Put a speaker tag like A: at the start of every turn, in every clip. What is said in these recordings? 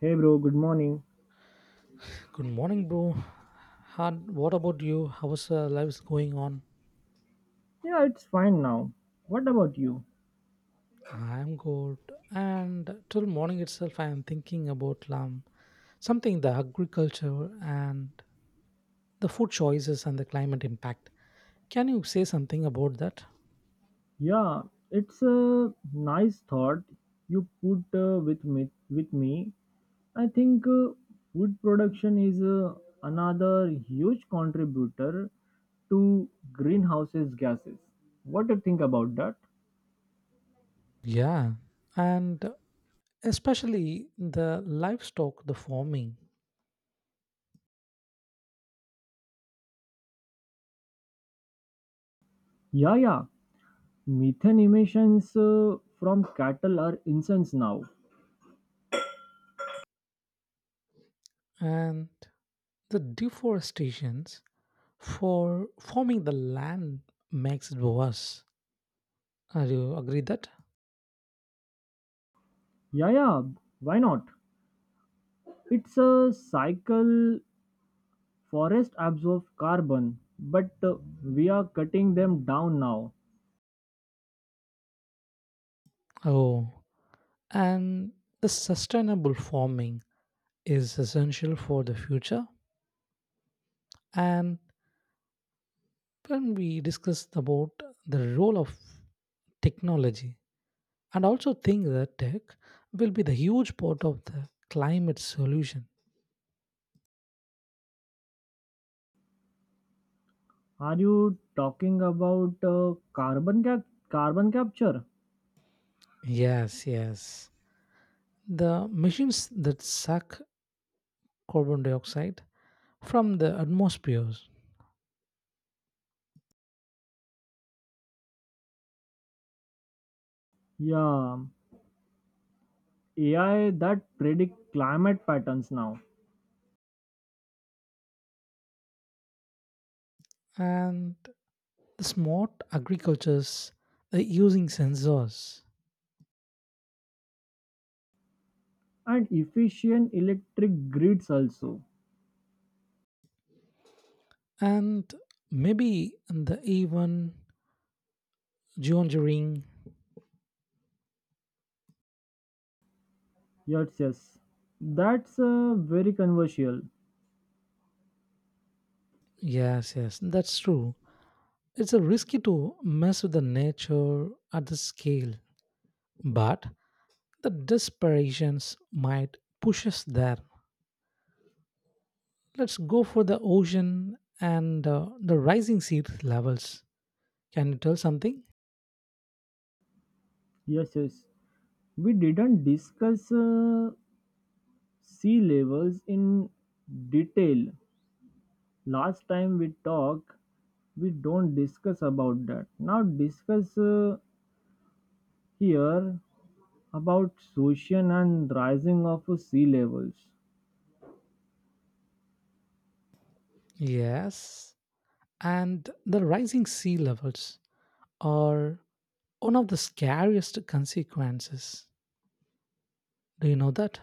A: Hey bro, good morning.
B: Good morning, bro. And what about you? How's life going on?
A: Yeah, it's fine now. What about you?
B: I'm good. And till morning itself, I am thinking about something the agriculture and the food choices and the climate impact. Can you say something about that?
A: Yeah, it's a nice thought you put with me. With me, I think food production is another huge contributor to greenhouses gases. What do you think about that?
B: Yeah, and especially the livestock, the farming,
A: Yeah, yeah. Methane emissions from cattle are incense now.
B: and the deforestations for farming the land makes it worse. Are you agree that?
A: Yeah, yeah. Why not? It's a cycle. Forests absorb carbon, but we are cutting them down now.
B: Oh, and the sustainable farming is essential for the future. And when we discuss about the role of technology, and also think that tech will be the huge part of the climate solution.
A: Are you talking about carbon capture?
B: Yes, yes. The machines that suck carbon dioxide from the atmospheres
A: Yeah, AI that predict climate patterns now
B: and the smart agricultures using sensors
A: and efficient electric grids also.
B: and maybe the even geoengineering.
A: Yes, yes. That's very controversial.
B: Yes, yes, that's true. It's a risky to mess with the nature at the scale, but the desperations might push us there. Let's go for the ocean and the rising sea levels. Can you tell something?
A: Yes, yes. We didn't discuss sea levels in detail. Last time we talked, we don't discuss about that. Now discuss here about ocean and rising of sea levels.
B: Yes, and the rising sea levels are one of the scariest consequences. Do you know that?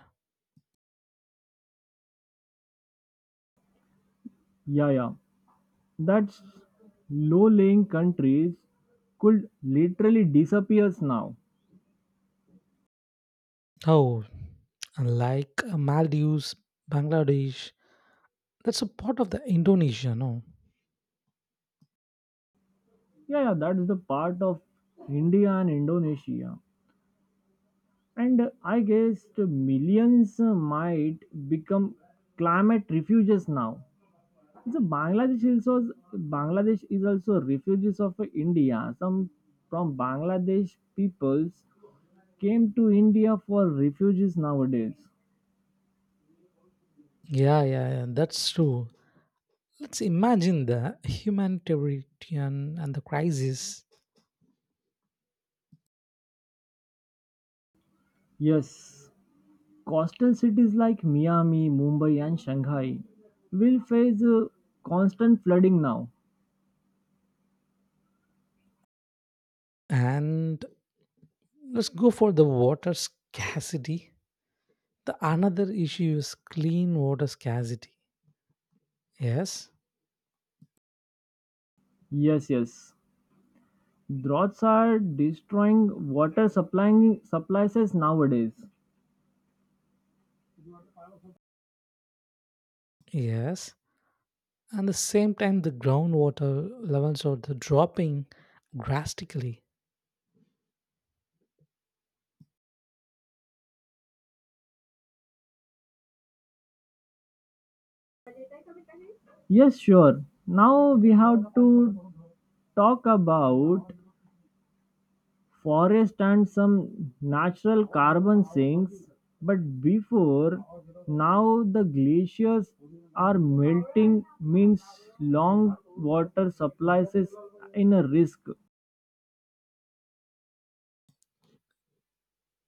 A: Yeah, yeah, that's low lying countries could literally disappear now.
B: Oh, like Maldives, Bangladesh, that's a part of the Indonesia, no?
A: Yeah, yeah, that's the part of India and Indonesia, and I guess the millions might become climate refuges now. So Bangladesh also, Bangladesh is also refugees of India. Some from Bangladesh peoples came to India for refugees nowadays.
B: Yeah, yeah, yeah, that's true. Let's imagine the humanitarian and the crisis,
A: Yes, coastal cities like Miami, Mumbai, and Shanghai will face constant flooding now.
B: and let's go for the water scarcity. The another issue is clean water scarcity. Yes,
A: Yes, yes, droughts are destroying water supplying supplies nowadays.
B: yes. And the same time, the groundwater levels are the dropping drastically.
A: Yes, sure. Now we have to talk about Forest and some natural carbon sinks. But before now, the glaciers are melting, means long water supplies is in a risk.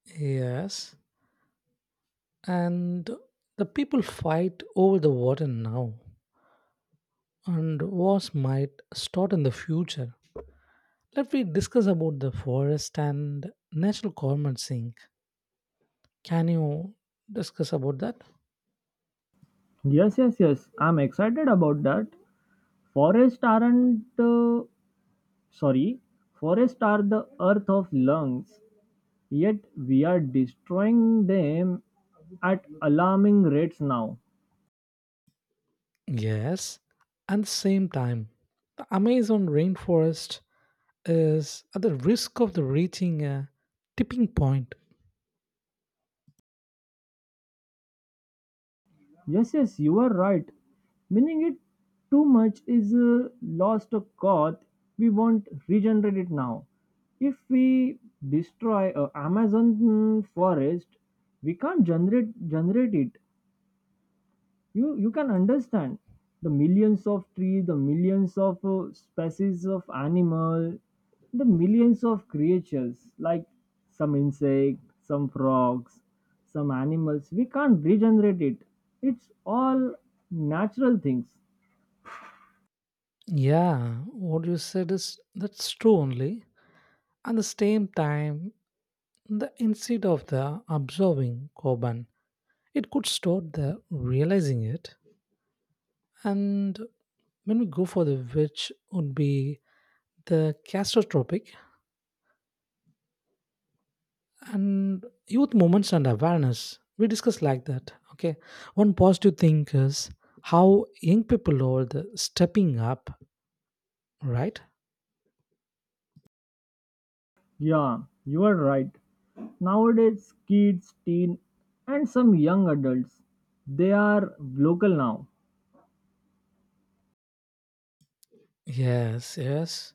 B: Yes, and the people fight over the water now and wars might start in the future. Let me discuss about the forest and natural climate sink. Can you discuss about that?
A: Yes, yes, yes. I'm excited about that. Forests aren't sorry. Forests are the earth of lungs. Yet we are destroying them at alarming rates now.
B: Yes, at the same time the amazon rainforest is at the risk of the reaching a tipping point.
A: Yes, yes, you are right. Meaning it too much is lost of God. We won't regenerate it now. If we destroy a Amazon forest, we can't generate it. You can understand the millions of trees, the millions of species of animal, the millions of creatures like some insect, some frogs, some animals. We can't regenerate it. It's all natural things.
B: Yeah, what you said is that's true only. At the same time the instead of the absorbing carbon, it could start there, realizing it. And when we go for the which would be the catastrophic and youth moments and awareness, we discuss like that. Okay. One positive thing is how young people are the stepping up, right?
A: Yeah, you are right. Nowadays kids, teen, and some young adults, they are local now.
B: Yes, yes.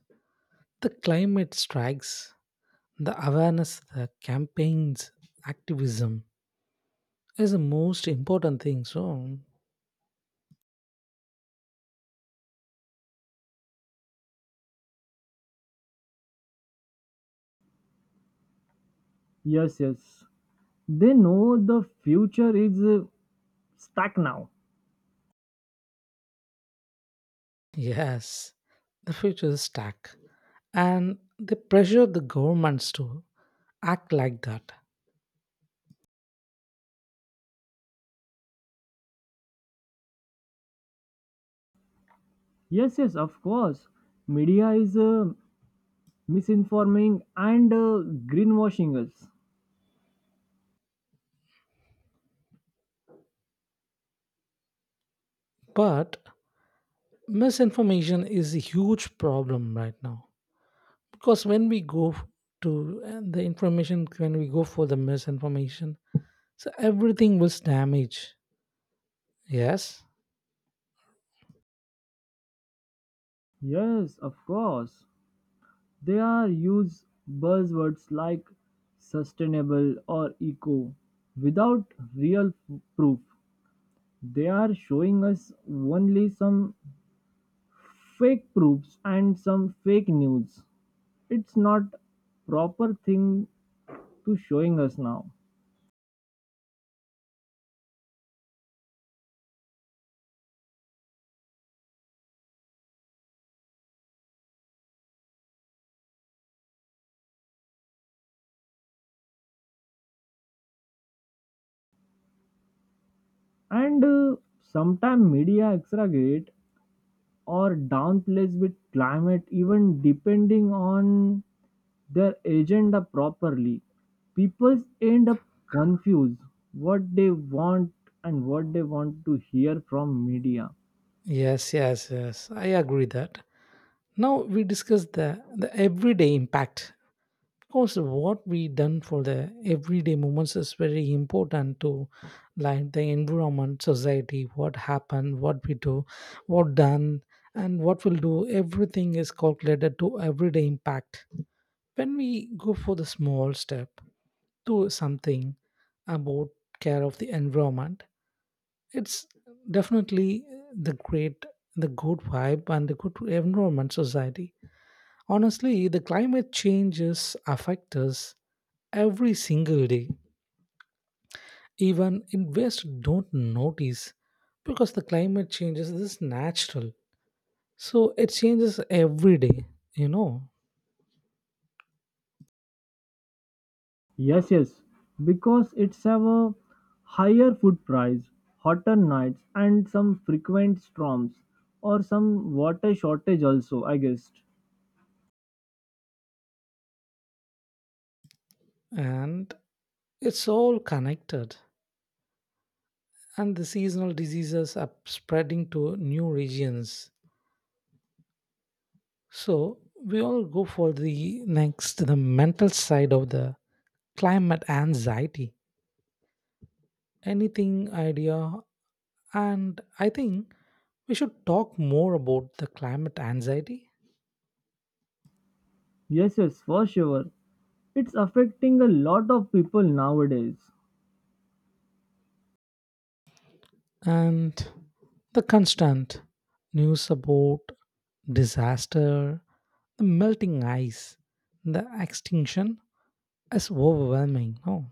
B: The climate strikes, the awareness, the campaigns, activism is the most important thing. So
A: Yes, yes, they know the future is stuck now.
B: yes, the future is stack. And they pressure the governments to act like that.
A: Yes, yes, of course. Media is misinforming and greenwashing us.
B: But misinformation is a huge problem right now. Because when we go to the information, when we go for the misinformation, so everything was damaged. Yes,
A: Yes, of course. They are use buzzwords like sustainable or eco without real proof. They are showing us only some fake proofs and some fake news. It's not proper thing to showing us now. And sometime media exaggerate or downplays with climate even depending on their agenda properly. People end up confused what they want and what they want to hear from media.
B: yes, yes, yes. I agree that. Now we discuss the everyday impact course, what we done for the everyday moments is very important to like the environment, society, what happened, what we do, what done, and what we'll do. Everything is calculated to everyday impact. When we go for the small step to something about care of the environment, it's definitely the great, the good vibe and the good environment society. Honestly, the climate changes affect us every single day. Even investors don't notice because the climate changes this is natural. So it changes every day, you know,
A: Yes, yes, because it's have a higher food price, hotter nights, and some frequent storms or some water shortage also, I guessed.
B: and it's all connected. And the seasonal diseases are spreading to new regions. So we all go for the next, the mental side of the climate anxiety. Anything idea? And I think we should talk more about the climate anxiety
A: Yes, yes, for sure, it's affecting a lot of people nowadays.
B: and the constant news about disaster, the melting ice, the extinction is overwhelming. No,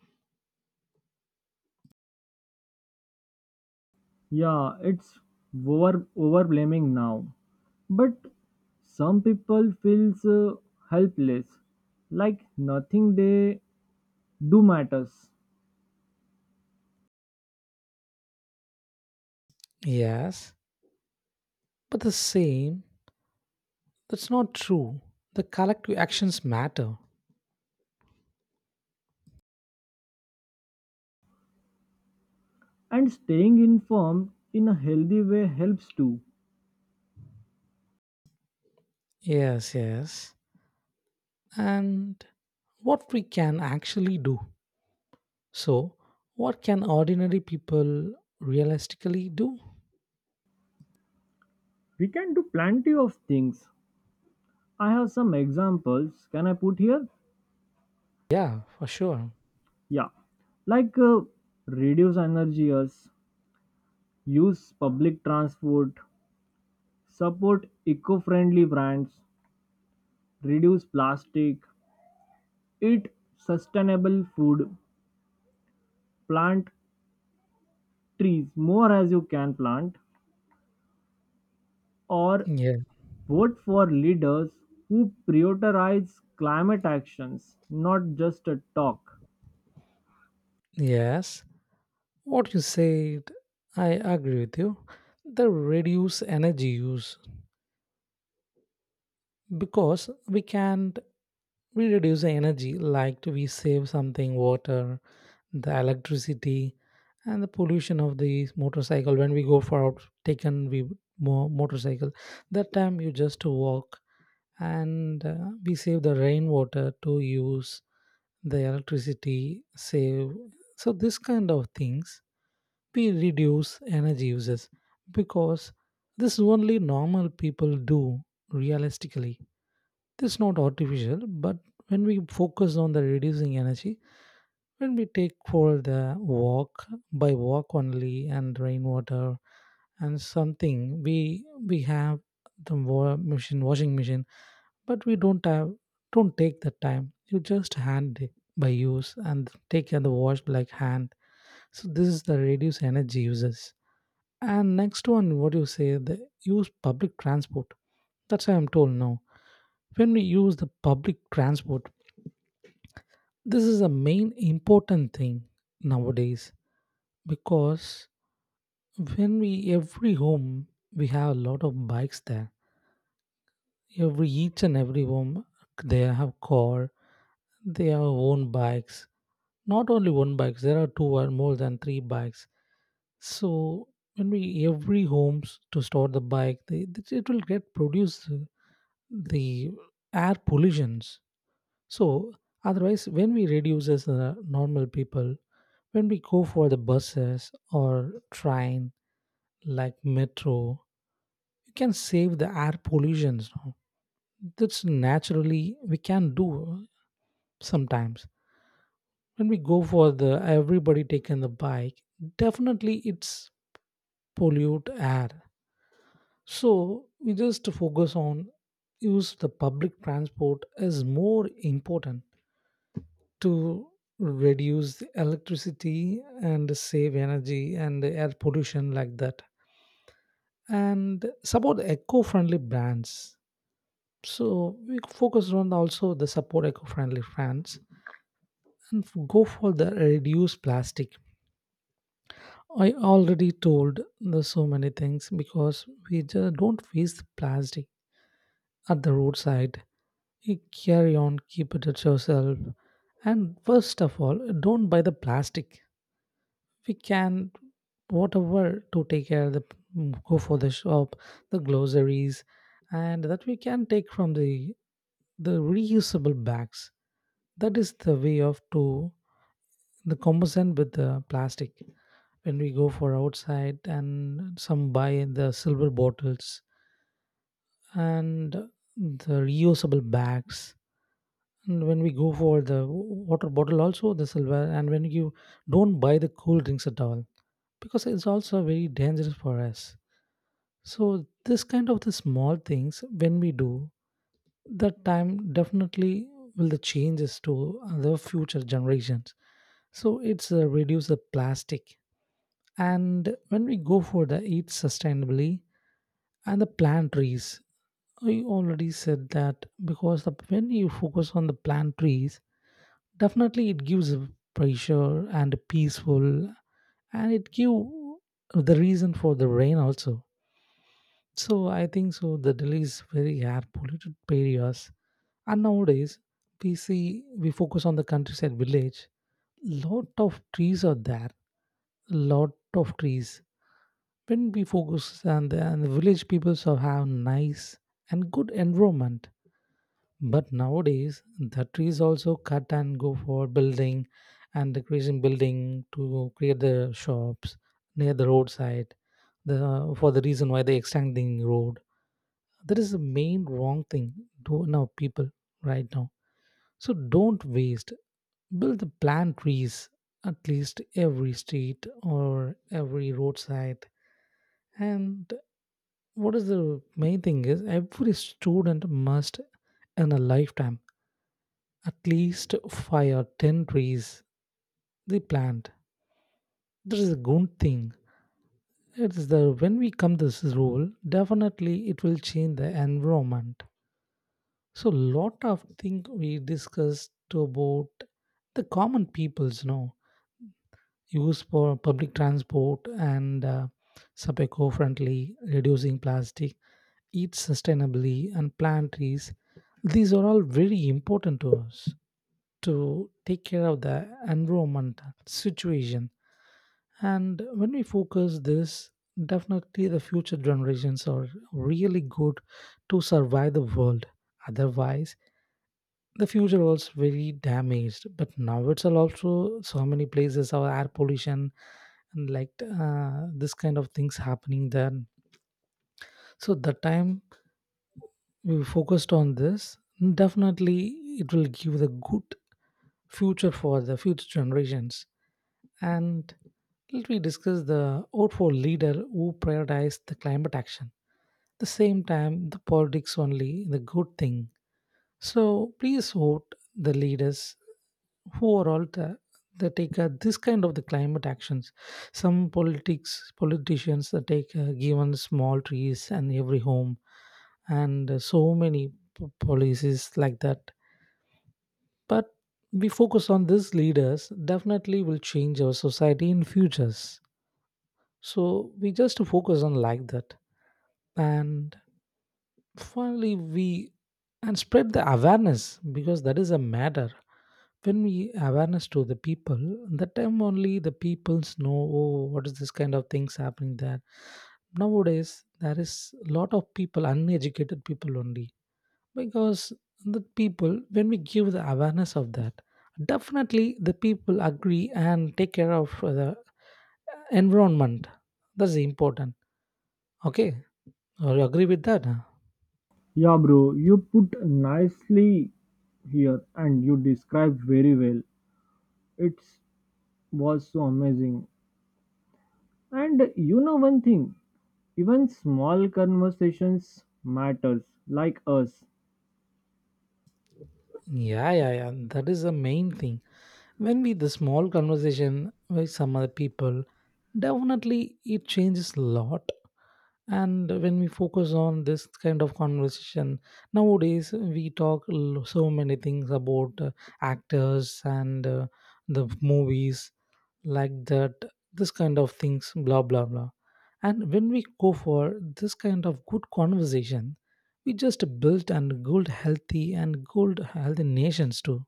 A: Yeah, it's overblaming now. But some people feels helpless, like nothing they do matters.
B: yes, but the same that's not true. The collective actions matter.
A: And staying informed in a healthy way helps too.
B: Yes, yes, and what we can actually do. So, what can ordinary people realistically do?
A: We can do plenty of things. I have some examples. Can I put here?
B: Yeah, for sure.
A: Yeah, like reduce energy use, use public transport, support eco-friendly brands, reduce plastic, eat sustainable food, plant trees more as you can plant, or
B: Yeah,
A: vote for leaders who prioritize climate actions, not just a talk.
B: yes, what you said, I agree with you. They reduce energy use because we can't we reduce the energy like we save something water, the electricity, and the pollution of the motorcycle when we go for out taken we motorcycle. That time you just walk and we save the rainwater to use the electricity save. So this kind of things we reduce energy uses because this is only normal people do realistically. This is not artificial, but when we focus on the reducing energy, when we take for the walk by walk only and rainwater and something we have the machine washing machine, but we don't have, don't take the time, you just hand it by use and take the wash like hand. So this is the reduce energy uses. And next one, what do you say? They use public transport. That's what I'm told now. When we use the public transport, this is a main important thing nowadays because when we every home we have a lot of bikes there. Every each and every home they have car, they have own bikes. Not only one bikes, there are two or more than three bikes. So when we every homes to store the bike, they, it will get produced the air pollutions. So otherwise, when we reduce as the normal people, when we go for the buses or train like metro, you can save the air pollutions, no? That's naturally we can do sometimes. When we go for the everybody taking the bike, definitely it's pollute air. So we just focus on use the public transport is more important to reduce the electricity and save energy and the air pollution like that, and support eco-friendly brands. So we focus on also the support eco-friendly brands and go for the reduce plastic. I already told the so many things because we just don't waste plastic at the roadside, you carry on keep it at yourself. And first of all, don't buy the plastic. We can whatever to take care of the go for the shop the groceries and that we can take from the reusable bags. That is the way of to the composite with the plastic when we go for outside and some buy in the silver bottles and the reusable bags. And when we go for the water bottle also the silver and when you don't buy the cool drinks at all because it's also very dangerous for us. So this kind of the small things when we do, that time definitely will the changes to the future generations. So it's reduce the plastic. And when we go for the eat sustainably and the plant trees. I already said that because the, when you focus on the plant trees, definitely it gives a pressure and peaceful and it give the reason for the rain also. So I think so. The Delhi is very air polluted areas, and nowadays we see we focus on the countryside village. Lot of trees are there. Lot of trees. When we focus on the, and the village people so have nice and good environment. But nowadays the trees also cut and go for building and decreasing building to create the shops near the roadside. The for the reason why they extending road, that is the main wrong thing do now people right now. So don't waste, build the plant trees at least every street or every roadside. And what is the main thing is every student must in a lifetime at least five or ten trees they plant. This is a good thing. It is the when we come this rule, definitely it will change the environment. So lot of things we discussed about the common peoples, you know, use for public transport and sub eco-friendly, reducing plastic, eat sustainably, and plant trees. These are all very important to us to take care of the environment situation. And when we focus this, definitely the future generations are really good to survive the world. Otherwise, the future was very damaged but now it's all also so many places our air pollution and like this kind of things happening there. So the time we focused on this definitely it will give the good future for the future generations. And let me discuss the vote for leader who prioritized the climate action. The same time the politics only the good thing, so please vote the leaders overall the, they take this kind of the climate actions. Some politics politicians that take given small trees and every home and so many policies like that. But we focus on these leaders definitely will change our society in futures. So we just focus on like that. And finally we and spread the awareness because that is a matter. When we awareness to the people, that time only the peoples know oh what is this kind of things happening there. Nowadays there is a lot of people uneducated people only because the people when we give the awareness of that, definitely the people agree and take care of the environment. That's important. Okay, or you agree with that?
A: Yeah, bro, you put nicely here and you described very well. It was so amazing. And you know one thing, even small conversations matters like us.
B: Yeah, yeah, yeah. That is the main thing. When we the small conversation with some other people, definitely it changes a lot. And when we focus on this kind of conversation, nowadays we talk so many things about actors and the movies like that, this kind of things, blah blah blah. And when we go for this kind of good conversation, we just build and build healthy nations too.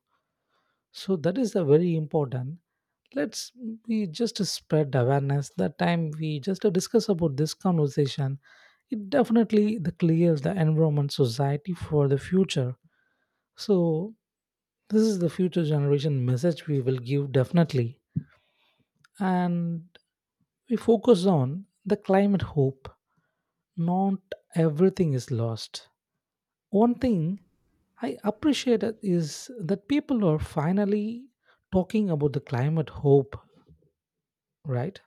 B: So that is a very important. Let's we just spread awareness. That time we just discuss about this conversation, it definitely the clears the environment society for the future. So this is the future generation message we will give definitely. And we focus on the climate hope not everything is lost. One thing I appreciate it is that people are finally talking about the climate hope, right?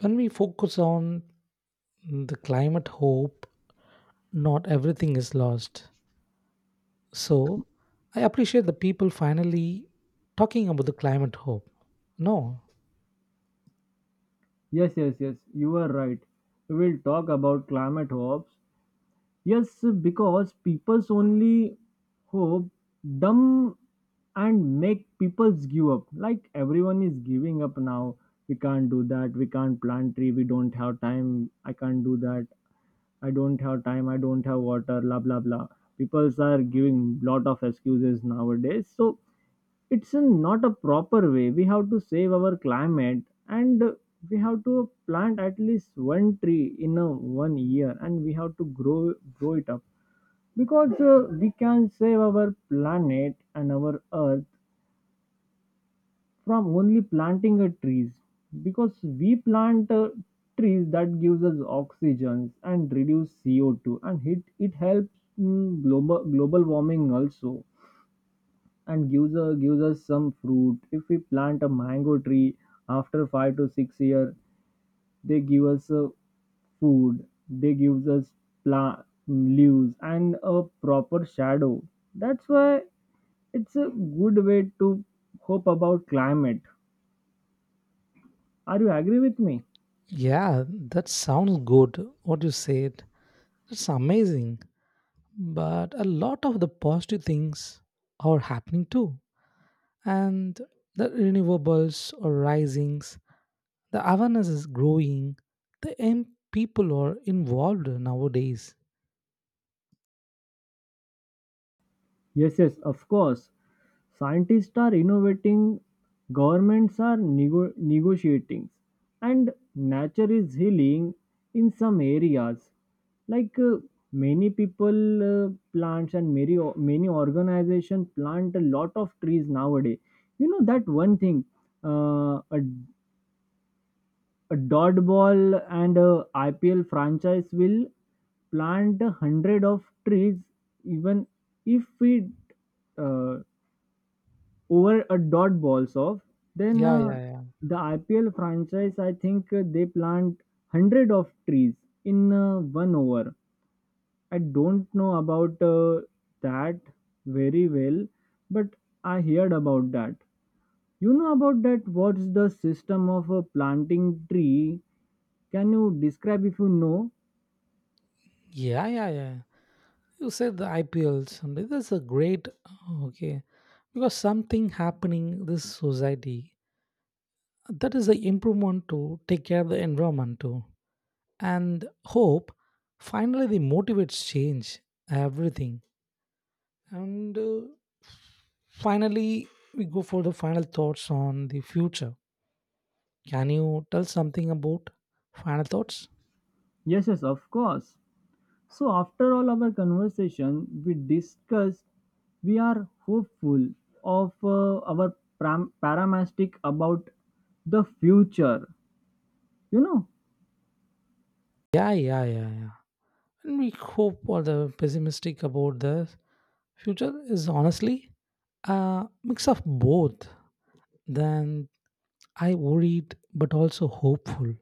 B: When we focus on the climate hope, not everything is lost. So I appreciate the people finally talking about the climate hope. No,
A: Yes, yes, yes, you are right. We will talk about climate hopes. Yes, because people's only hope dumb and make people's give up. Like everyone is giving up now. We can't do that. We can't plant tree. We don't have time. I can't do that. I don't have time. I don't have water. Blah blah blah. People's are giving lot of excuses nowadays. So it's a, not a proper way. We have to save our climate, and we have to plant at least one tree in a one year, and we have to grow it up, because we can save our planet and our earth from only planting a trees, because we plant trees that gives us oxygen and reduce CO2, and it helps global warming also, and gives us some fruit. If we plant a mango tree after five to six year, they give us food. They gives us pla- leaves and a proper shadow. That's why it's a good way to hope about climate. Are you agree with me?
B: yeah, that sounds good. What you said, that's amazing. But a lot of the positive things are happening too, and the renewables are risings, the awareness is growing, the young people are involved nowadays.
A: Yes, yes, of course. Scientists are innovating, governments are negotiating, and nature is healing in some areas. Like many people plants, and many many organization plant a lot of trees nowadays. You know that one thing, uh, a, a dodgeball and a IPL franchise will plant 100 of trees even if we over a dot balls off. Then
B: Yeah, yeah, yeah,
A: the IPL franchise, I think they plant 100 of trees in one over. I don't know about that very well, but I heard about that. You know about that? What's the system of planting tree? Can you describe if you know?
B: yeah, yeah, yeah, you said the IPL someday, that's a great, okay, because something happening this society, that is the improvement to take care of the environment too, and hope finally the motivates change everything. And Finally, we go for the final thoughts on the future. Can you tell something about final thoughts?
A: Yes, yes, of course. So, after all our conversation, we discussed we are hopeful of paramastic about the future. You know,
B: Yeah, yeah, yeah, yeah. And we hope for the pessimistic about the future is honestly a mix of both. Then I worried but also hopeful.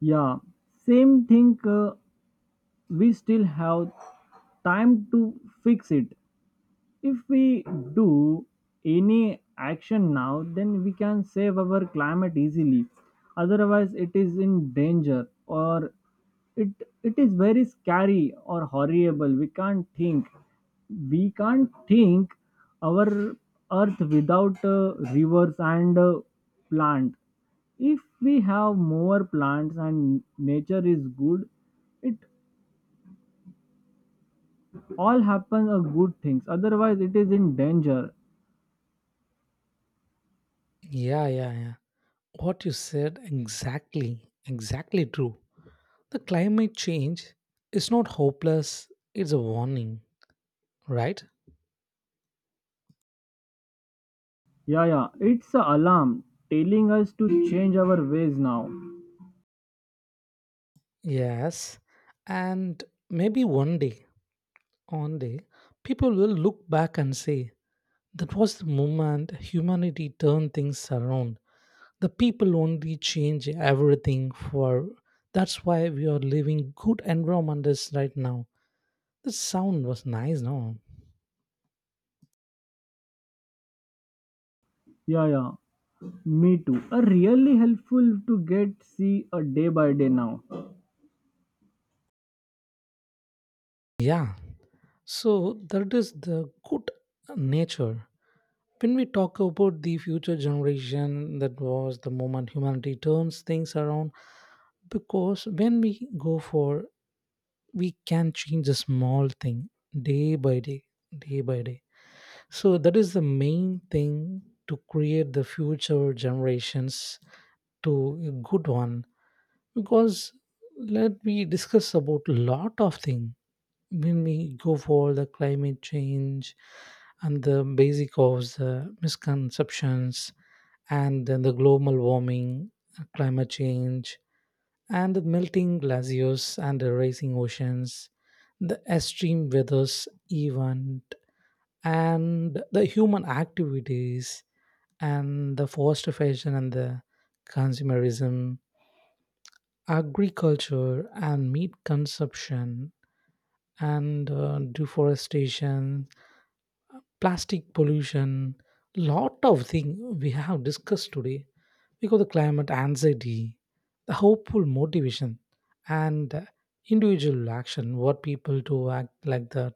A: yeah, same thing. We still have time to fix it. If we do any action now, then we can save our climate easily. Otherwise, it is in danger, or it it is very scary or horrible. We can't think. We can't think our earth without rivers and plant. If we have more plants and nature is good, it all happens are good things. Otherwise it is in danger.
B: Yeah, yeah, yeah. What you said exactly, exactly true. The climate change is not hopeless, it's a warning, right?
A: Yeah, yeah. It's a alarm telling us to change our ways now.
B: Yes, and maybe one day, people will look back and say that was the moment humanity turned things around. The people only change everything for. That's why we are living good environments right now. The sound was nice, no?
A: Yeah, yeah. Me too. A really helpful to get see a day by day now.
B: Yeah. So that is the good nature. When we talk about the future generation, that was the moment humanity turns things around, because when we go for we can change a small thing day by day, day by day, so that is the main thing to create the future generations to a good one, because let me discuss about lot of thing when we go for the climate change and the basic of the misconceptions and then the global warming, climate change, and the melting glaciers and the rising oceans, the extreme weathers event, and the human activities, and the forestation and the consumerism, agriculture and meat consumption, and deforestation, plastic pollution, lot of things we have discussed today, because the climate anxiety, the hopeful motivation, and the individual action, what people to act like that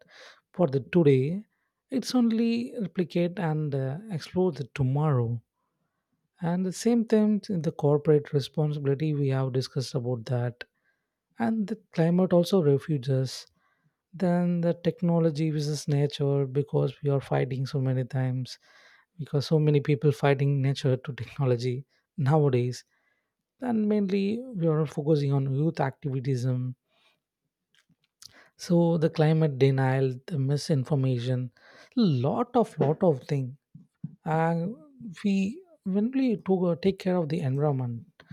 B: for the today, it's only replicate and explore the tomorrow. And the same thing in the corporate responsibility, we have discussed about that. And the climate also refuges. Then the technology versus nature because we are fighting so many times, because so many people fighting nature to technology nowadays, and mainly we are focusing on youth activism, so the climate denial, the misinformation, lot of thing, and we when we to take care of the environment,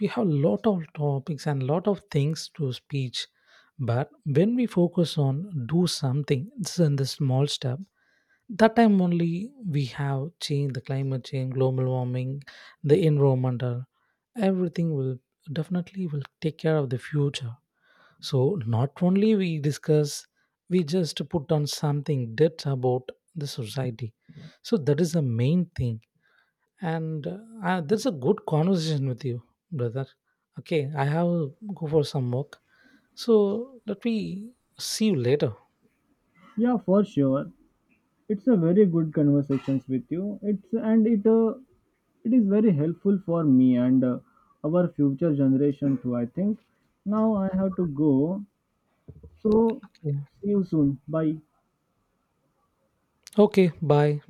B: we have lot of topics and lot of things to speech, but when we focus on do something it's in the small step, that time only we have change the climate change, global warming, the environmental everything will definitely will take care of the future, so not only we discuss, we just put on something that about the society, so that is the main thing, and that's a good conversation with you, brother. Okay, I have go for some work, so let me see you later.
A: Yeah, for sure. It's a very good conversations with you. It's, and it it is very helpful for me and our future generation too, I think. Now I have to go. So
B: Okay,
A: see you soon. Bye.
B: okay, bye.